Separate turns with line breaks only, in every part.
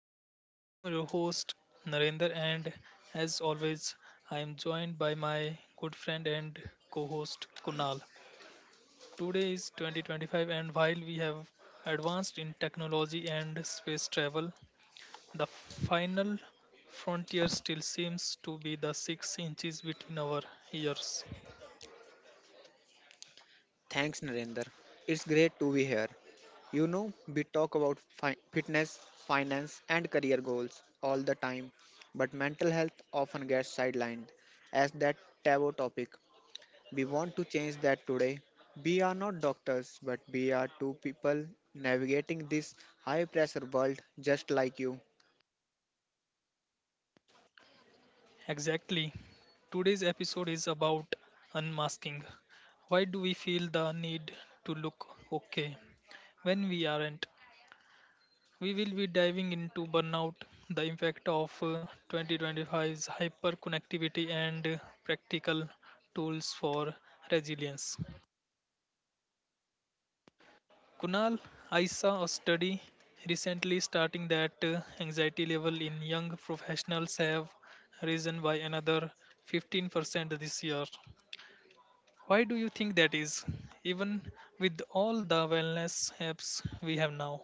Compass. I am your host Narendra, and as always, I am joined by my good friend and co host Kunal. Today is 2025, and while we have advanced in technology and space travel, the final frontier still seems to be the 6 inches between our ears.
Thanks, Narendra. It's great to be here. You know, we talk about fitness, finance, and career goals all the time, but mental health often gets sidelined as that taboo topic. We want to change that today. We are not doctors, but we are two people navigating this high pressure world just like you.
Exactly. Today's episode is about unmasking. Why do we feel the need to look okay when we aren't? We will be diving into burnout, the impact of 2025's hyperconnectivity, and practical tools for resilience. Kunal, I saw a study recently starting that anxiety level in young professionals have risen by another 15% this year. Why do you think that is? Even with all the wellness apps we have now,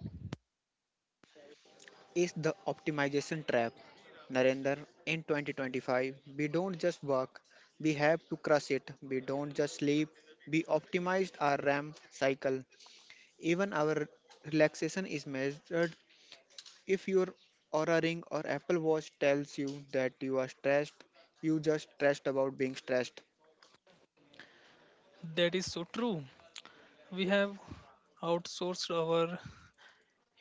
Is the optimization trap. Narendra, in 2025, we don't just work, we have to crush it. We don't just sleep, we optimized our RAM cycle. Even our relaxation is measured. If your Aura Ring or Apple Watch tells you that you are stressed, you just stressed about being stressed.
that is so true. We have outsourced our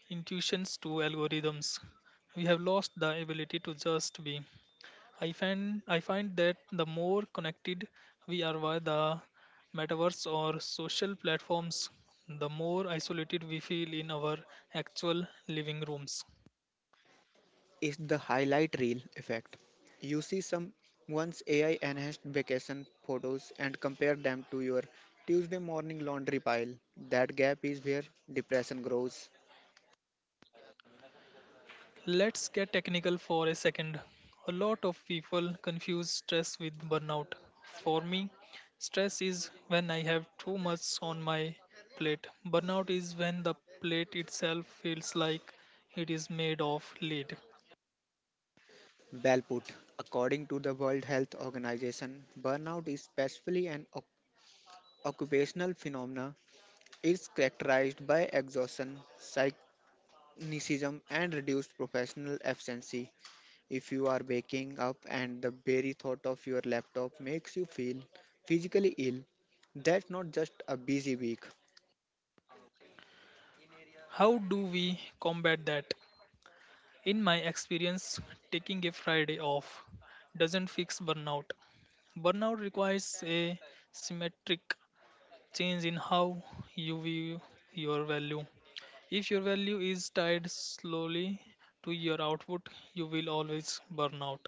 intuitions to algorithms. We have lost the ability to just be. I find that the more connected we are via the metaverse or social platforms, the more isolated we feel in our actual living rooms.
Is the highlight reel effect. You see someone's AI enhanced vacation photos and compare them to your Tuesday morning laundry pile. That gap is where depression grows.
Let's get technical for a second. A lot of people confuse stress with burnout. For me, stress is when I have too much on my plate. Burnout is when the plate itself feels like it is made of lead.
Well put. According to the World Health Organization, burnout is specifically an occupational phenomena. It's characterized by exhaustion, cynicism, and reduced professional efficiency. If you are waking up and the very thought of your laptop makes you feel physically ill, that's not just a busy week.
How do we combat that? In my experience, taking a Friday off doesn't fix burnout. Burnout requires a symmetric change in how you view your value. If your value is tied slowly to your output, you will always burn out.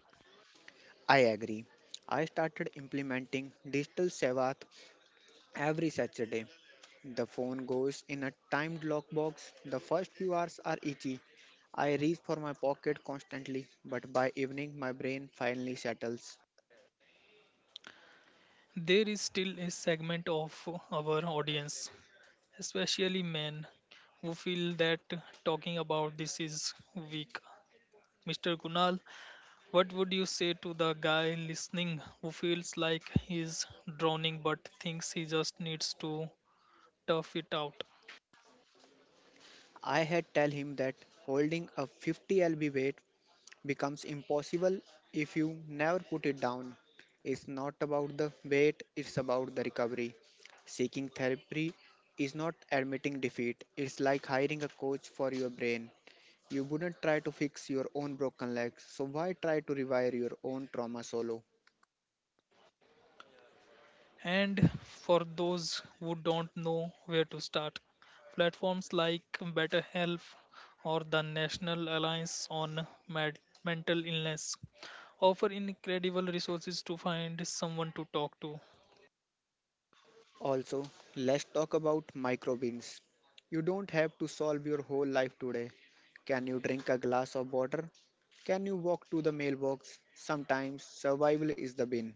I agree. I started implementing digital Sabbath every Saturday. The phone goes in a timed lockbox. The first few hours are itchy. I reach for my pocket constantly, but by evening my brain finally settles.
There is still a segment of our audience, especially men, who feel that talking about this is weak. Mr. Kunal, what would you say to the guy listening who feels like he's drowning but thinks he just needs to tough it out?
I had tell him that holding a 50 lb weight becomes impossible if you never put it down. It's not about the weight, it's about the recovery. Seeking therapy is not admitting defeat, it's like hiring a coach for your brain. You wouldn't try to fix your own broken legs, so why try to revive your own trauma solo?
And for those who don't know where to start, platforms like BetterHelp or the National Alliance on Mental Illness offer incredible resources to find someone to talk to.
Also, let's talk about microbins. You don't have to solve your whole life today. Can you drink a glass of water? Can you walk to the mailbox? Sometimes survival is the bin.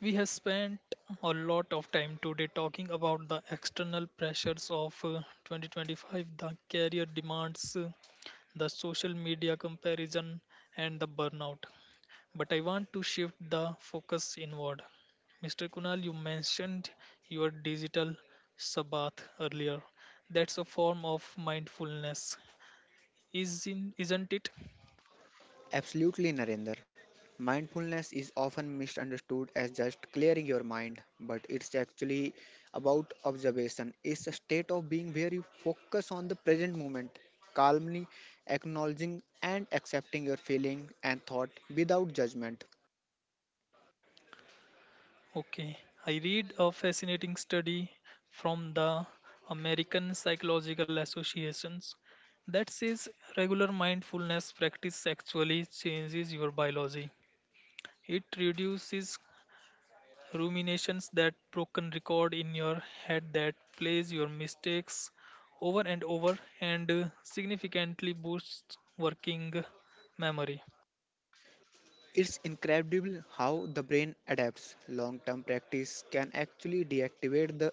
We have spent a lot of time today talking about the external pressures of 2025, the career demands, the social media comparison, and the burnout. But I want to shift the focus inward. Mr. Kunal, you mentioned your digital sabbath earlier. That's a form of mindfulness, isn't it?
Absolutely, Narendra. Mindfulness is often misunderstood as just clearing your mind, but it's actually about observation. It's a state of being where you focus on the present moment, calmly acknowledging and accepting your feeling and thought without judgment.
Okay. I read a fascinating study from the American Psychological Associations that says regular mindfulness practice actually changes your biology. It reduces Ruminations, that broken record in your head that plays your mistakes over and over, and significantly boosts working memory.
It's incredible how the brain adapts. Long term practice can actually deactivate the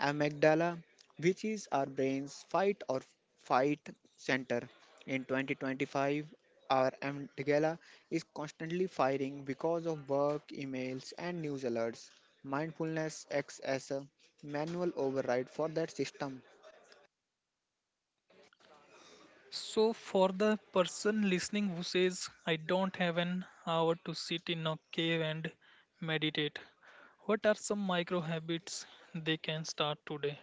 amygdala, which is our brain's fight or fight center. In 2025, our amygdala is constantly firing because of work, emails, and news alerts. Mindfulness acts as a manual override for that system.
So, for the person listening who says, I don't have an hour to sit in a cave and meditate, what are some micro habits they can start today?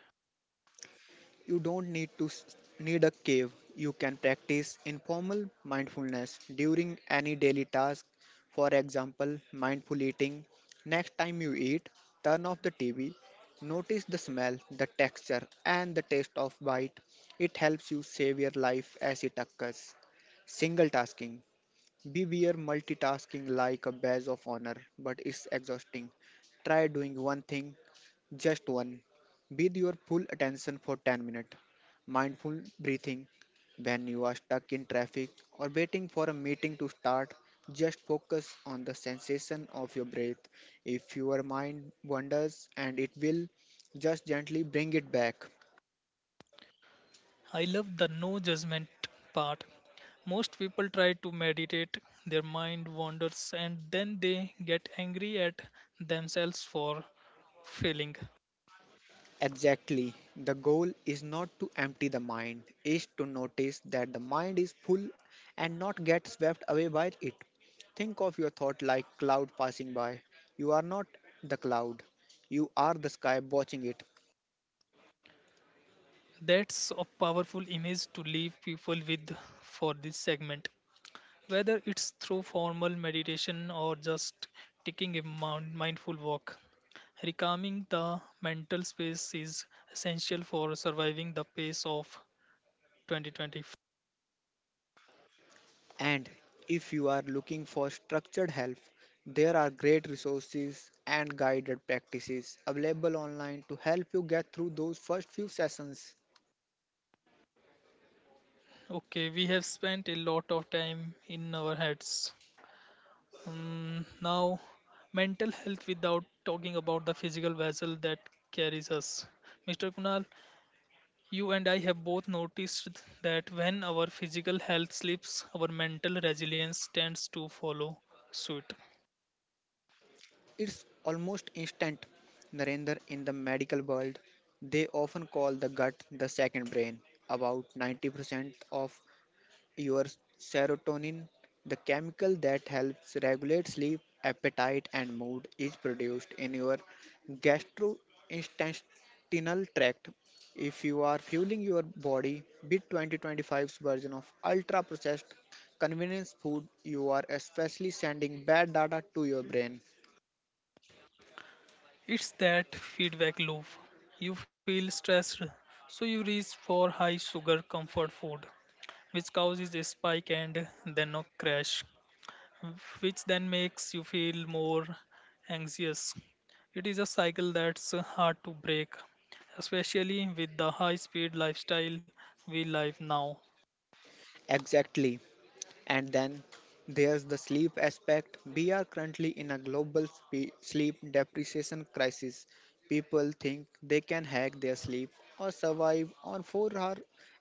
You don't need a cave. You can practice informal mindfulness during any daily task. For example, mindful eating. Next time you eat, turn off the TV. Notice the smell, the texture, and the taste of bite. It helps you save your life as it occurs. Single tasking. Beware multitasking like a badge of honor, but it's exhausting. Try doing one thing just one. With your full attention for 10 minutes. Mindful breathing. When you are stuck in traffic or waiting for a meeting to start, just focus on the sensation of your breath. If your mind wanders and it will, just gently bring it back.
I love the no judgment part. Most people try to meditate, their mind wanders, and then they get angry at themselves for failing.
Exactly. The goal is not to empty the mind, is to notice that the mind is full and not get swept away by it. Think of your thought like cloud passing by. You are not the cloud. You are the sky watching it.
That's a powerful image to leave people with for this segment. Whether it's through formal meditation or just taking a mindful walk, recalming the mental space is essential for surviving the pace of 2025.
And if you are looking for structured help, there are great resources and guided practices available online to help you get through those first few sessions.
Okay, we have spent a lot of time in our heads. Now, mental health without talking about the physical vessel that carries us. Mr. Kunal, you and I have both noticed that when our physical health slips, our mental resilience tends to follow suit.
It's almost instant. Narendra, in the medical world, they often call the gut the second brain. About 90% of your serotonin, the chemical that helps regulate sleep, appetite, and mood, is produced in your gastrointestinal tract. If you are fueling your body with 2025's version of ultra processed convenience food, you are especially sending bad data to your brain.
It's that feedback loop. You feel stressed, so you reach for high sugar comfort food, which causes a spike and then a crash, uh, which then makes you feel more anxious. It is a cycle that's hard to break, especially with the high speed lifestyle we live now.
Exactly. And then there's the sleep aspect. We are currently in a global sleep depreciation crisis. People think they can hack their sleep or survive on 4 hour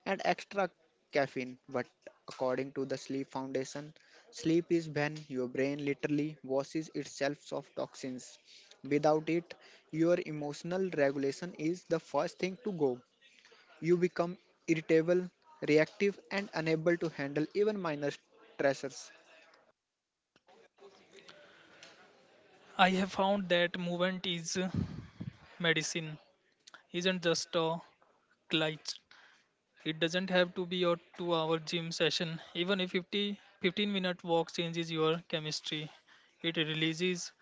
and extra caffeine, but according to the Sleep Foundation, sleep is when your brain literally washes itself of toxins. Without it, your emotional regulation is the first thing to go. You become irritable, reactive, and unable to handle even minor stressors.
I have found that movement is medicine, isn't just a glitch. It doesn't have to be your 2 hour gym session. Even a 50, 15-minute walk changes your chemistry. It releases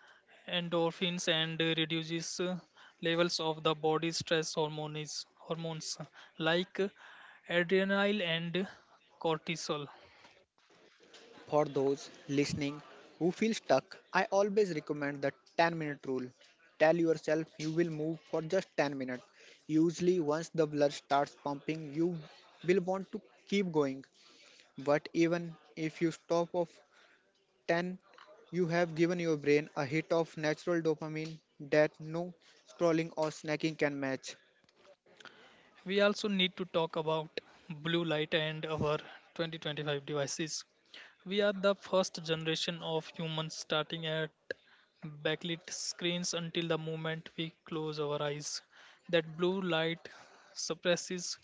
endorphins and reduces levels of the body's stress hormones, hormones like adrenaline and cortisol.
For those listening who feel stuck, I always recommend the 10-minute rule. Tell yourself you will move for just 10 minutes. Usually, once the blood starts pumping, you will want to keep going. But even if you stop of 10, you have given your brain a hit of natural dopamine that no scrolling or snacking can match.
We also need to talk about blue light and our 2025 devices. We are the first generation of humans starting at backlit screens until the moment we close our eyes. That blue light suppresses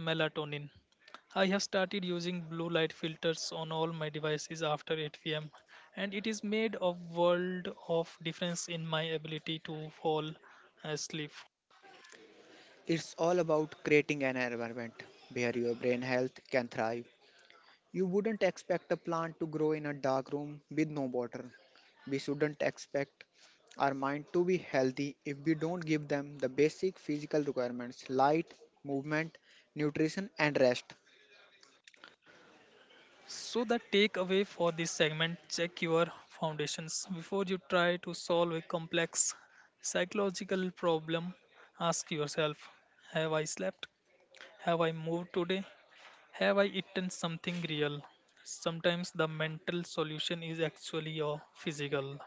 melatonin. I have started using blue light filters on all my devices after 8 p.m. and it is made a world of difference in my ability to fall asleep.
It's all about creating an environment where your brain health can thrive. You wouldn't expect a plant to grow in a dark room with no water. We shouldn't expect our mind to be healthy if we don't give them the basic physical requirements light, movement, nutrition, and rest.
So, the takeaway for this segment, check your foundations. Before you try to solve a complex psychological problem, ask yourself: Have I slept? Have I moved today? Have I eaten something real? Sometimes the mental solution is actually your physical.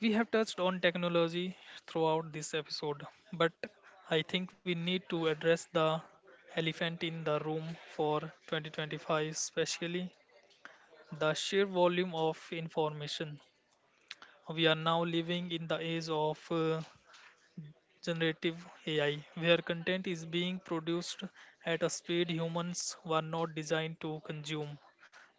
We have touched on technology throughout this episode, but I think we need to address the elephant in the room for 2025, especially the sheer volume of information. We are now living in the age of generative AI, where content is being produced at a speed humans were not designed to consume.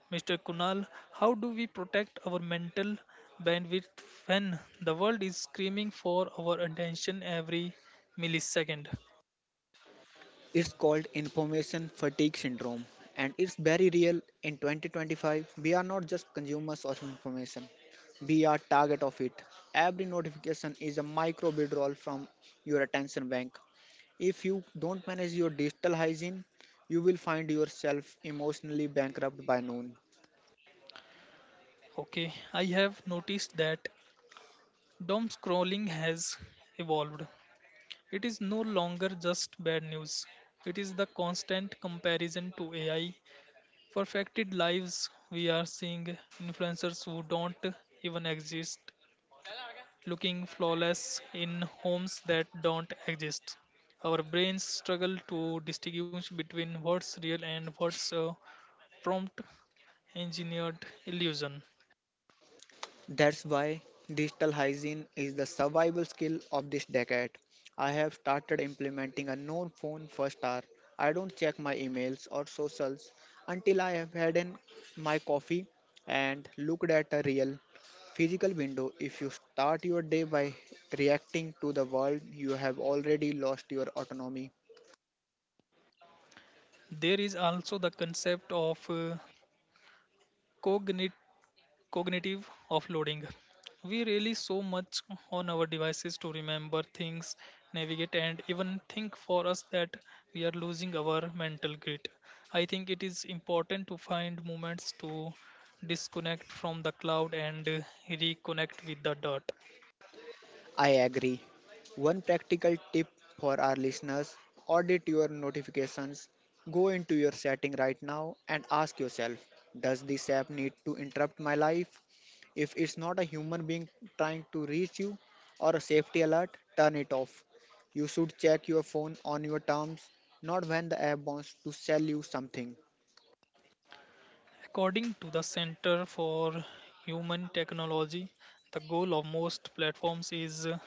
Mr. Kunal, how do we protect our mental bandwidth when the world is screaming for our attention every millisecond?
It's called information fatigue syndrome and it's very real in 2025. We are not just consumers of information. We are target of it. Every notification is a micro withdrawal from your attention bank. If you don't manage your digital hygiene, you will find yourself emotionally bankrupt by noon.
Okay, I have noticed that doom scrolling has evolved. It is no longer just bad news. It is the constant comparison to AI perfected lives. We are seeing influencers who don't even exist looking flawless in homes that don't exist. Our brains struggle to distinguish between what's real and what's a prompt engineered illusion.
That's why digital hygiene is the survival skill of this decade. I have started implementing a no phone first hour. I don't check my emails or socials until I have my coffee and looked at a real physical window. If you start your day by reacting to the world, you have already lost your autonomy.
There is also the concept of cognitive cognitive offloading. We rely so much on our devices to remember things, navigate, and even think for us that we are losing our mental grit. I think it is important to find moments to disconnect from the cloud and reconnect with the dot.
I agree. One practical tip for our listeners: audit your notifications. Go into your setting right now and ask yourself, does this app need to interrupt my life? If it's not a human being trying to reach you or a safety alert, turn it off. You should check your phone on your terms, not when the app wants to sell you something.
According to the Center for Human Technology, the goal of most platforms is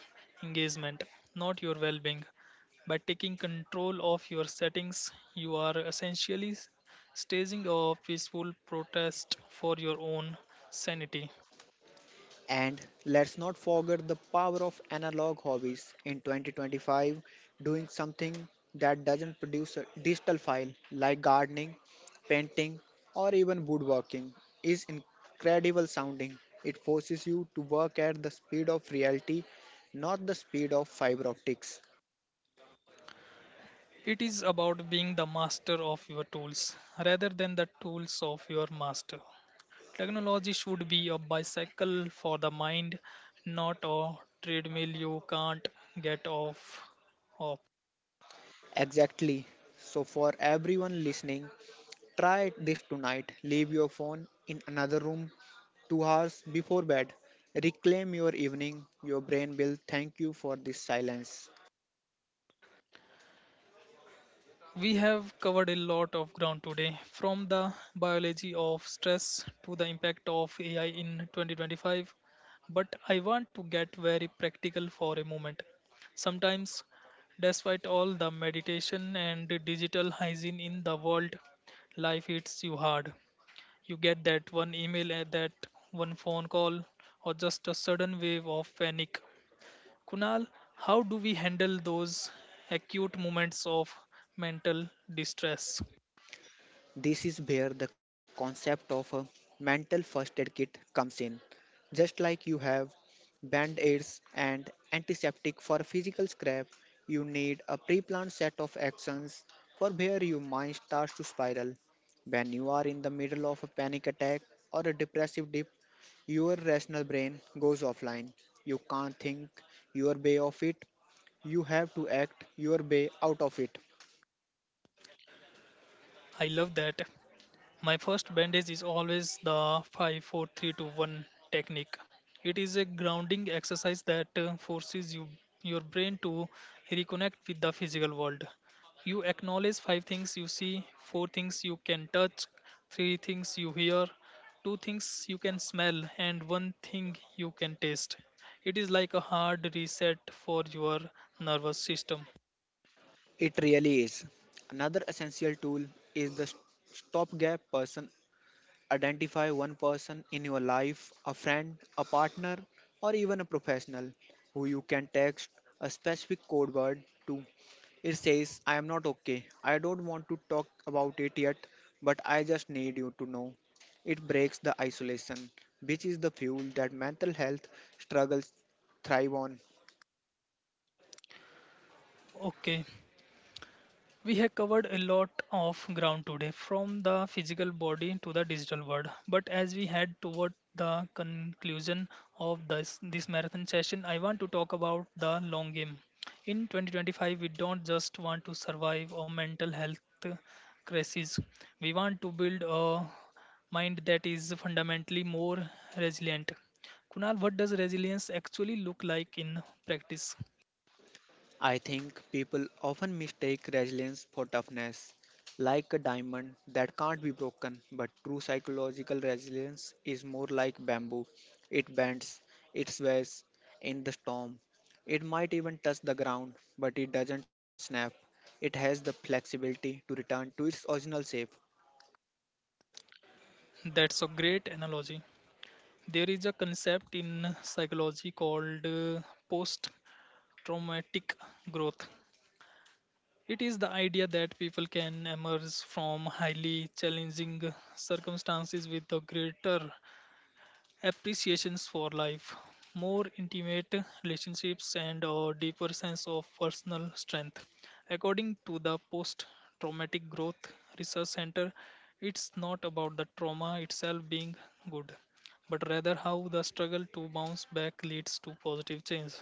engagement, not your well being. By taking control of your settings, you are essentially staging a peaceful protest for your own sanity.
And let's not forget the power of analog hobbies. In 2025, doing something that doesn't produce a digital file like gardening, painting, or even woodworking is incredible sounding. It forces you to work at the speed of reality, not the speed of fiber optics.
It is about being the master of your tools rather than the tools of your master. Technology should be a bicycle for the mind, not a treadmill you can't get off of.
Exactly. So, for everyone listening, try this tonight. Leave your phone in another room 2 hours before bed. Reclaim your evening. Your brain will thank you for this silence.
We have covered a lot of ground today, from the biology of stress to the impact of AI in 2025. But I want to get very practical for a moment. Sometimes, despite all the meditation and digital hygiene in the world, life hits you hard. You get that one email and that one phone call or just a sudden wave of panic. Kunal, how do we handle those acute moments of mental distress?
This is where the concept of a mental first aid kit comes in. Just like you have band aids and antiseptic for a physical scrap, you need a pre planned set of actions for where your mind starts to spiral. When you are in the middle of a panic attack or a depressive dip, your rational brain goes offline. You can't think your way of it. You have to act your way out of it.
I love that. My first bandage is always the 5-4-3-2-1 technique. It is a grounding exercise that forces you your brain to reconnect with the physical world. You acknowledge five things you see, four things you can touch, three things you hear, two things you can smell and one thing you can taste. It is like a hard reset for your nervous system.
It really is. Another essential tool is the stopgap person. Identify one person in your life, a friend, a partner, or even a professional who you can text a specific code word to. It says, I am not okay. I don't want to talk about it yet, but I just need you to know. It breaks the isolation, which is the fuel that mental health struggles thrive on.
Okay, we have covered a lot of ground today, from the physical body to the digital world. But as we head toward the conclusion of this marathon session, I want to talk about the long game. In 2025, we don't just want to survive a mental health crisis, we want to build a mind that is fundamentally more resilient. Kunal, what does resilience actually look like in practice?
I think people often mistake resilience for toughness, like a diamond that can't be broken, but true psychological resilience is more like bamboo. It bends, it sways in the storm. It might even touch the ground, but it doesn't snap. It has the flexibility to return to its original shape.
That's a great analogy. There is a concept in psychology called post traumatic growth. It is the idea that people can emerge from highly challenging circumstances with a greater appreciations for life, more intimate relationships, and a deeper sense of personal strength. According to the Post Traumatic Growth Research Center, it's not about the trauma itself being good, but rather how the struggle to bounce back leads to positive change.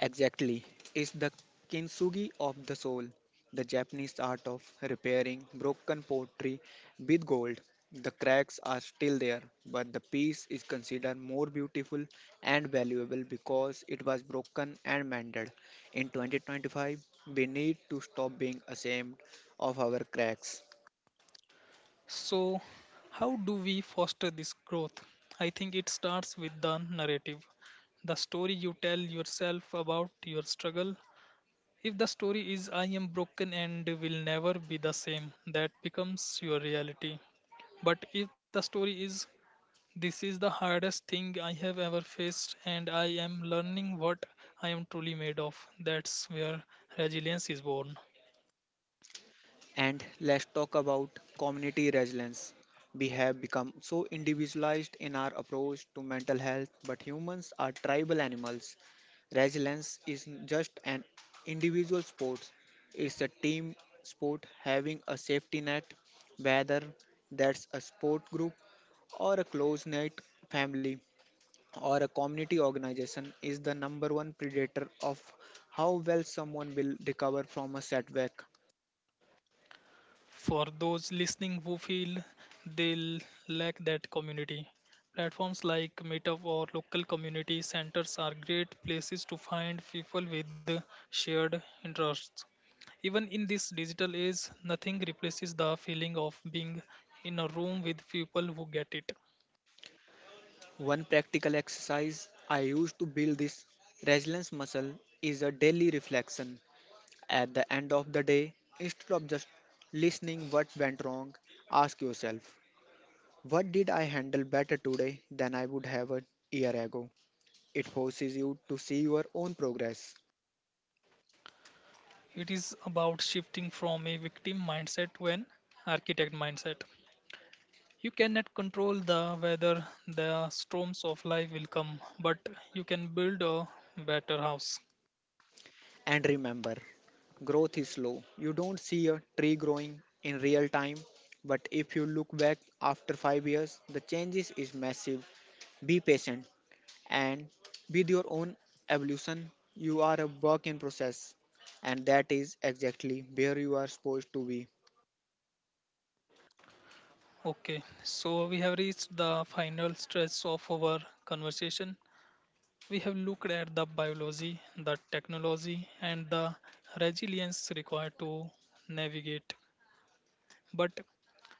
Exactly. It's the kintsugi of the soul, the Japanese art of repairing broken pottery with gold. The cracks are still there, but the piece is considered more beautiful and valuable because it was broken and mended. In 2025, we need to stop being ashamed of our cracks.
So, how do we foster this growth? I think it starts with the narrative, the story you tell yourself about your struggle. If the story is I am broken and will never be the same, that becomes your reality. But if the story is this is the hardest thing I have ever faced and I am learning what I am truly made of, that's where resilience is born.
And let's talk about community resilience. We have become so individualized in our approach to mental health, but humans are tribal animals. Resilience isn't just an individual sport, it's a team sport having a safety net, whether that's a sport group or a close knit family or a community organization is the number one predator of how well someone will recover from a setback.
For those listening who feel they lack that community, platforms like Meetup or local community centers are great places to find people with shared interests. Even in this digital age, nothing replaces the feeling of being in a room with people who get it.
One practical exercise I use to build this resilience muscle is a daily reflection. At the end of the day, instead of just listening what went wrong, ask yourself, what did I handle better today than I would have a year ago? It forces you to see your own progress.
It is about shifting from a victim mindset to an architect mindset. You cannot control the whether the storms of life will come, but you can build a better house.
And remember, growth is slow. You don't see a tree growing in real time, but if you look back after 5 years, the changes is massive. Be patient and with your own evolution. You are a work in process and that is exactly where you are supposed to be.
Okay, so we have reached the final stretch of our conversation. We have looked at the biology, the technology, and the resilience required to navigate. But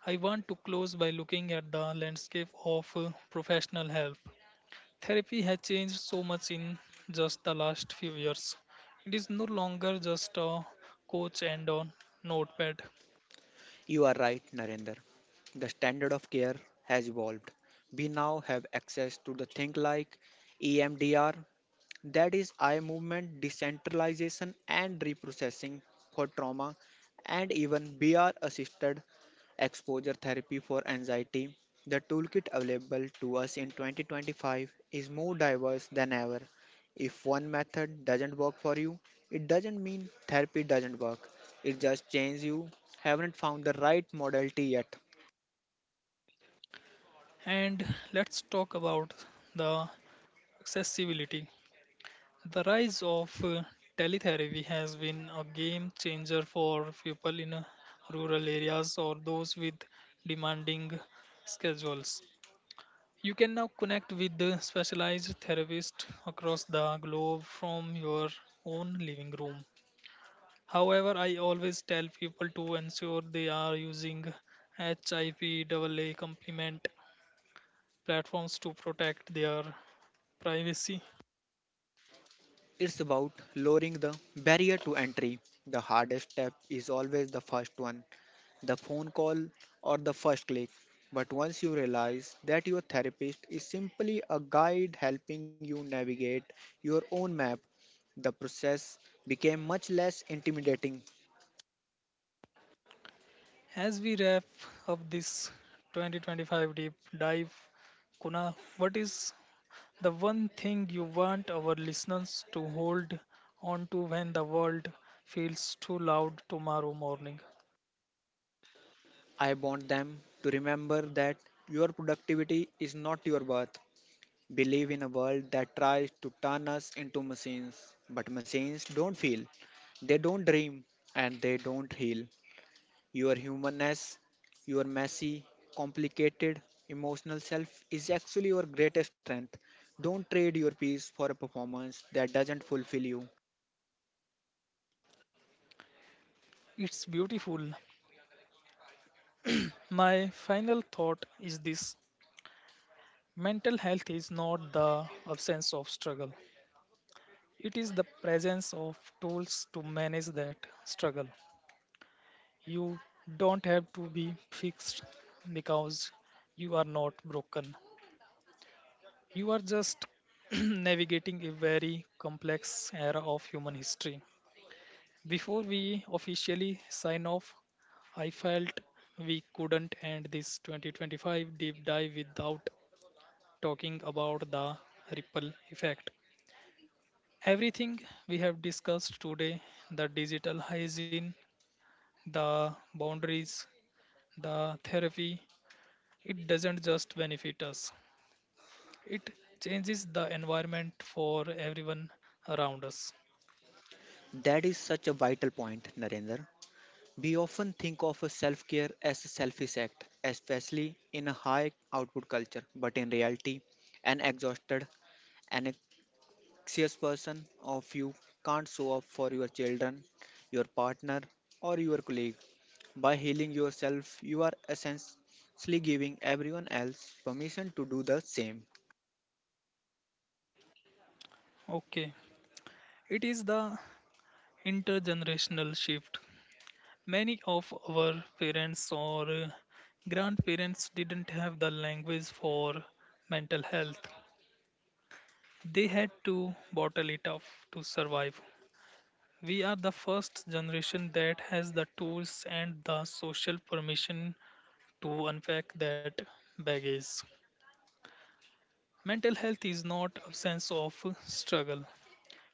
I want to close by looking at the landscape of professional help. Therapy has changed so much in just the last few years. It is no longer just a coach and a notepad.
You are right, Narendra. The standard of care has evolved. We now have access to the thing like EMDR, that is eye movement decentralization and reprocessing for trauma, and even br assisted exposure therapy for anxiety. The toolkit available to us in 2025 is more diverse than ever. If one method doesn't work for you, it doesn't mean therapy doesn't work, it just means you haven't found the right modality yet.
And let's talk about the accessibility. The rise of teletherapy has been a game changer for people in rural areas or those with demanding schedules. You can now connect with the specialized therapist across the globe from your own living room. However, I always tell people to ensure they are using HIPAA compliant platforms to protect their privacy.
It's about lowering the barrier to entry. The hardest step is always the first one, the phone call, or the first click. But once you realize that your therapist is simply a guide helping you navigate your own map, the process became much less intimidating.
As we wrap up this 2025 deep dive, Kuna, what is the one thing you want our listeners to hold on to when the world feels too loud tomorrow morning?
I want them to remember that your productivity is not your worth. We live in a world that tries to turn us into machines, but machines don't feel, they don't dream, and they don't heal. Your humanness, your messy, complicated, emotional self is actually your greatest strength. Don't trade your peace for a performance that doesn't fulfill you.
It's beautiful. My final thought is this: Mental health is not the absence of struggle, it is the presence of tools to manage that struggle. You don't have to be fixed because you are not broken. You are just navigating a very complex era of human history. Before we officially sign off, I felt we couldn't end this 2025 deep dive without talking about the ripple effect. Everything we have discussed today, the digital hygiene, the boundaries, the therapy, it doesn't just benefit us, it changes the environment for everyone around us.
That is such a vital point, Narendra. We often think of a self care as a selfish act, especially in a high output culture, but in reality, an exhausted, an anxious person of you can't show up for your children, your partner, or your colleagues. By healing yourself, you are essentially giving everyone else permission to do the same.
Okay, it is the intergenerational shift. Many of our parents or grandparents didn't have the language for mental health. They had to bottle it up to survive. We are the first generation that has the tools and the social permission to unpack that baggage. Mental health is not absence of struggle.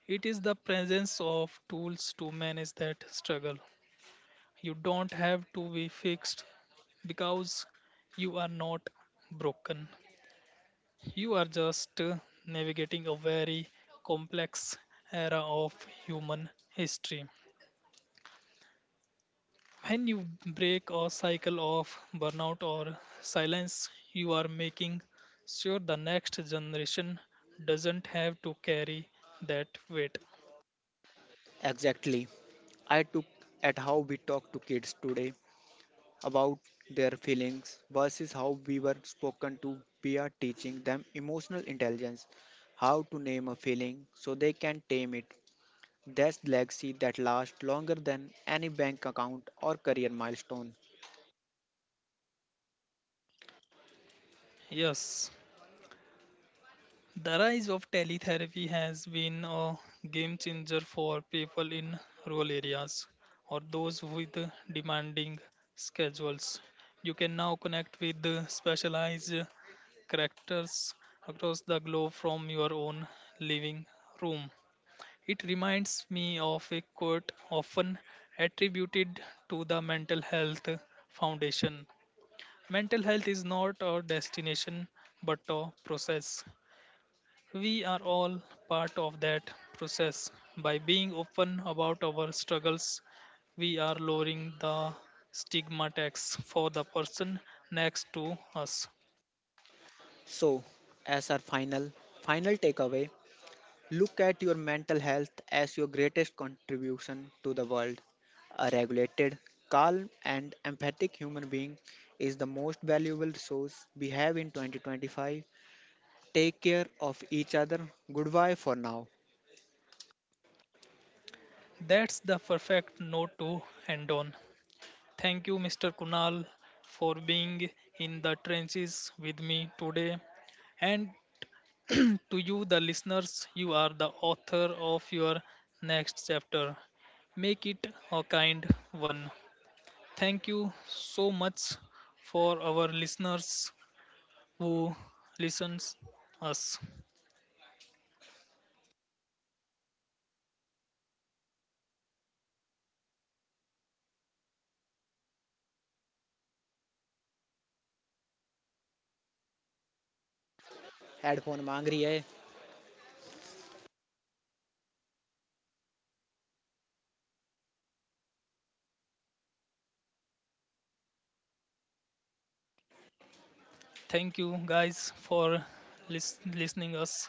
It is the presence of tools to manage that struggle. You don't have to be fixed because you are not broken. You are just navigating a very complex era of human history. When you break a cycle of burnout or silence, you are making sure the next generation doesn't have to carry that weight.
Exactly. I took at how we talk to kids today about their feelings versus how we were spoken to. We are teaching them emotional intelligence, how to name a feeling so they can tame it. That's legacy that lasts longer than any bank account or career milestone.
Yes, the rise of teletherapy has been a game changer for people in rural areas or those with demanding schedules. You can now connect with specialized characters across the globe from your own living room. It reminds me of a quote often attributed to the Mental Health Foundation. Mental health is not a destination but a process. We are all part of that process. By being open about our struggles, we are lowering the stigma tax for the person next to us.
So, as our final takeaway, look at your mental health as your greatest contribution to the world. A regulated, calm, and empathic human being is the most valuable resource we have in 2025. Take care of each other. Goodbye for now.
That's the perfect note to end on. Thank you, Mr. Kunal, for being in the trenches with me today. And to you, the listeners, you are the author of your next chapter. Make it a kind one. Thank you so much for our listeners who listens us.
Headphone मांग रही है
Thank you guys for listening us.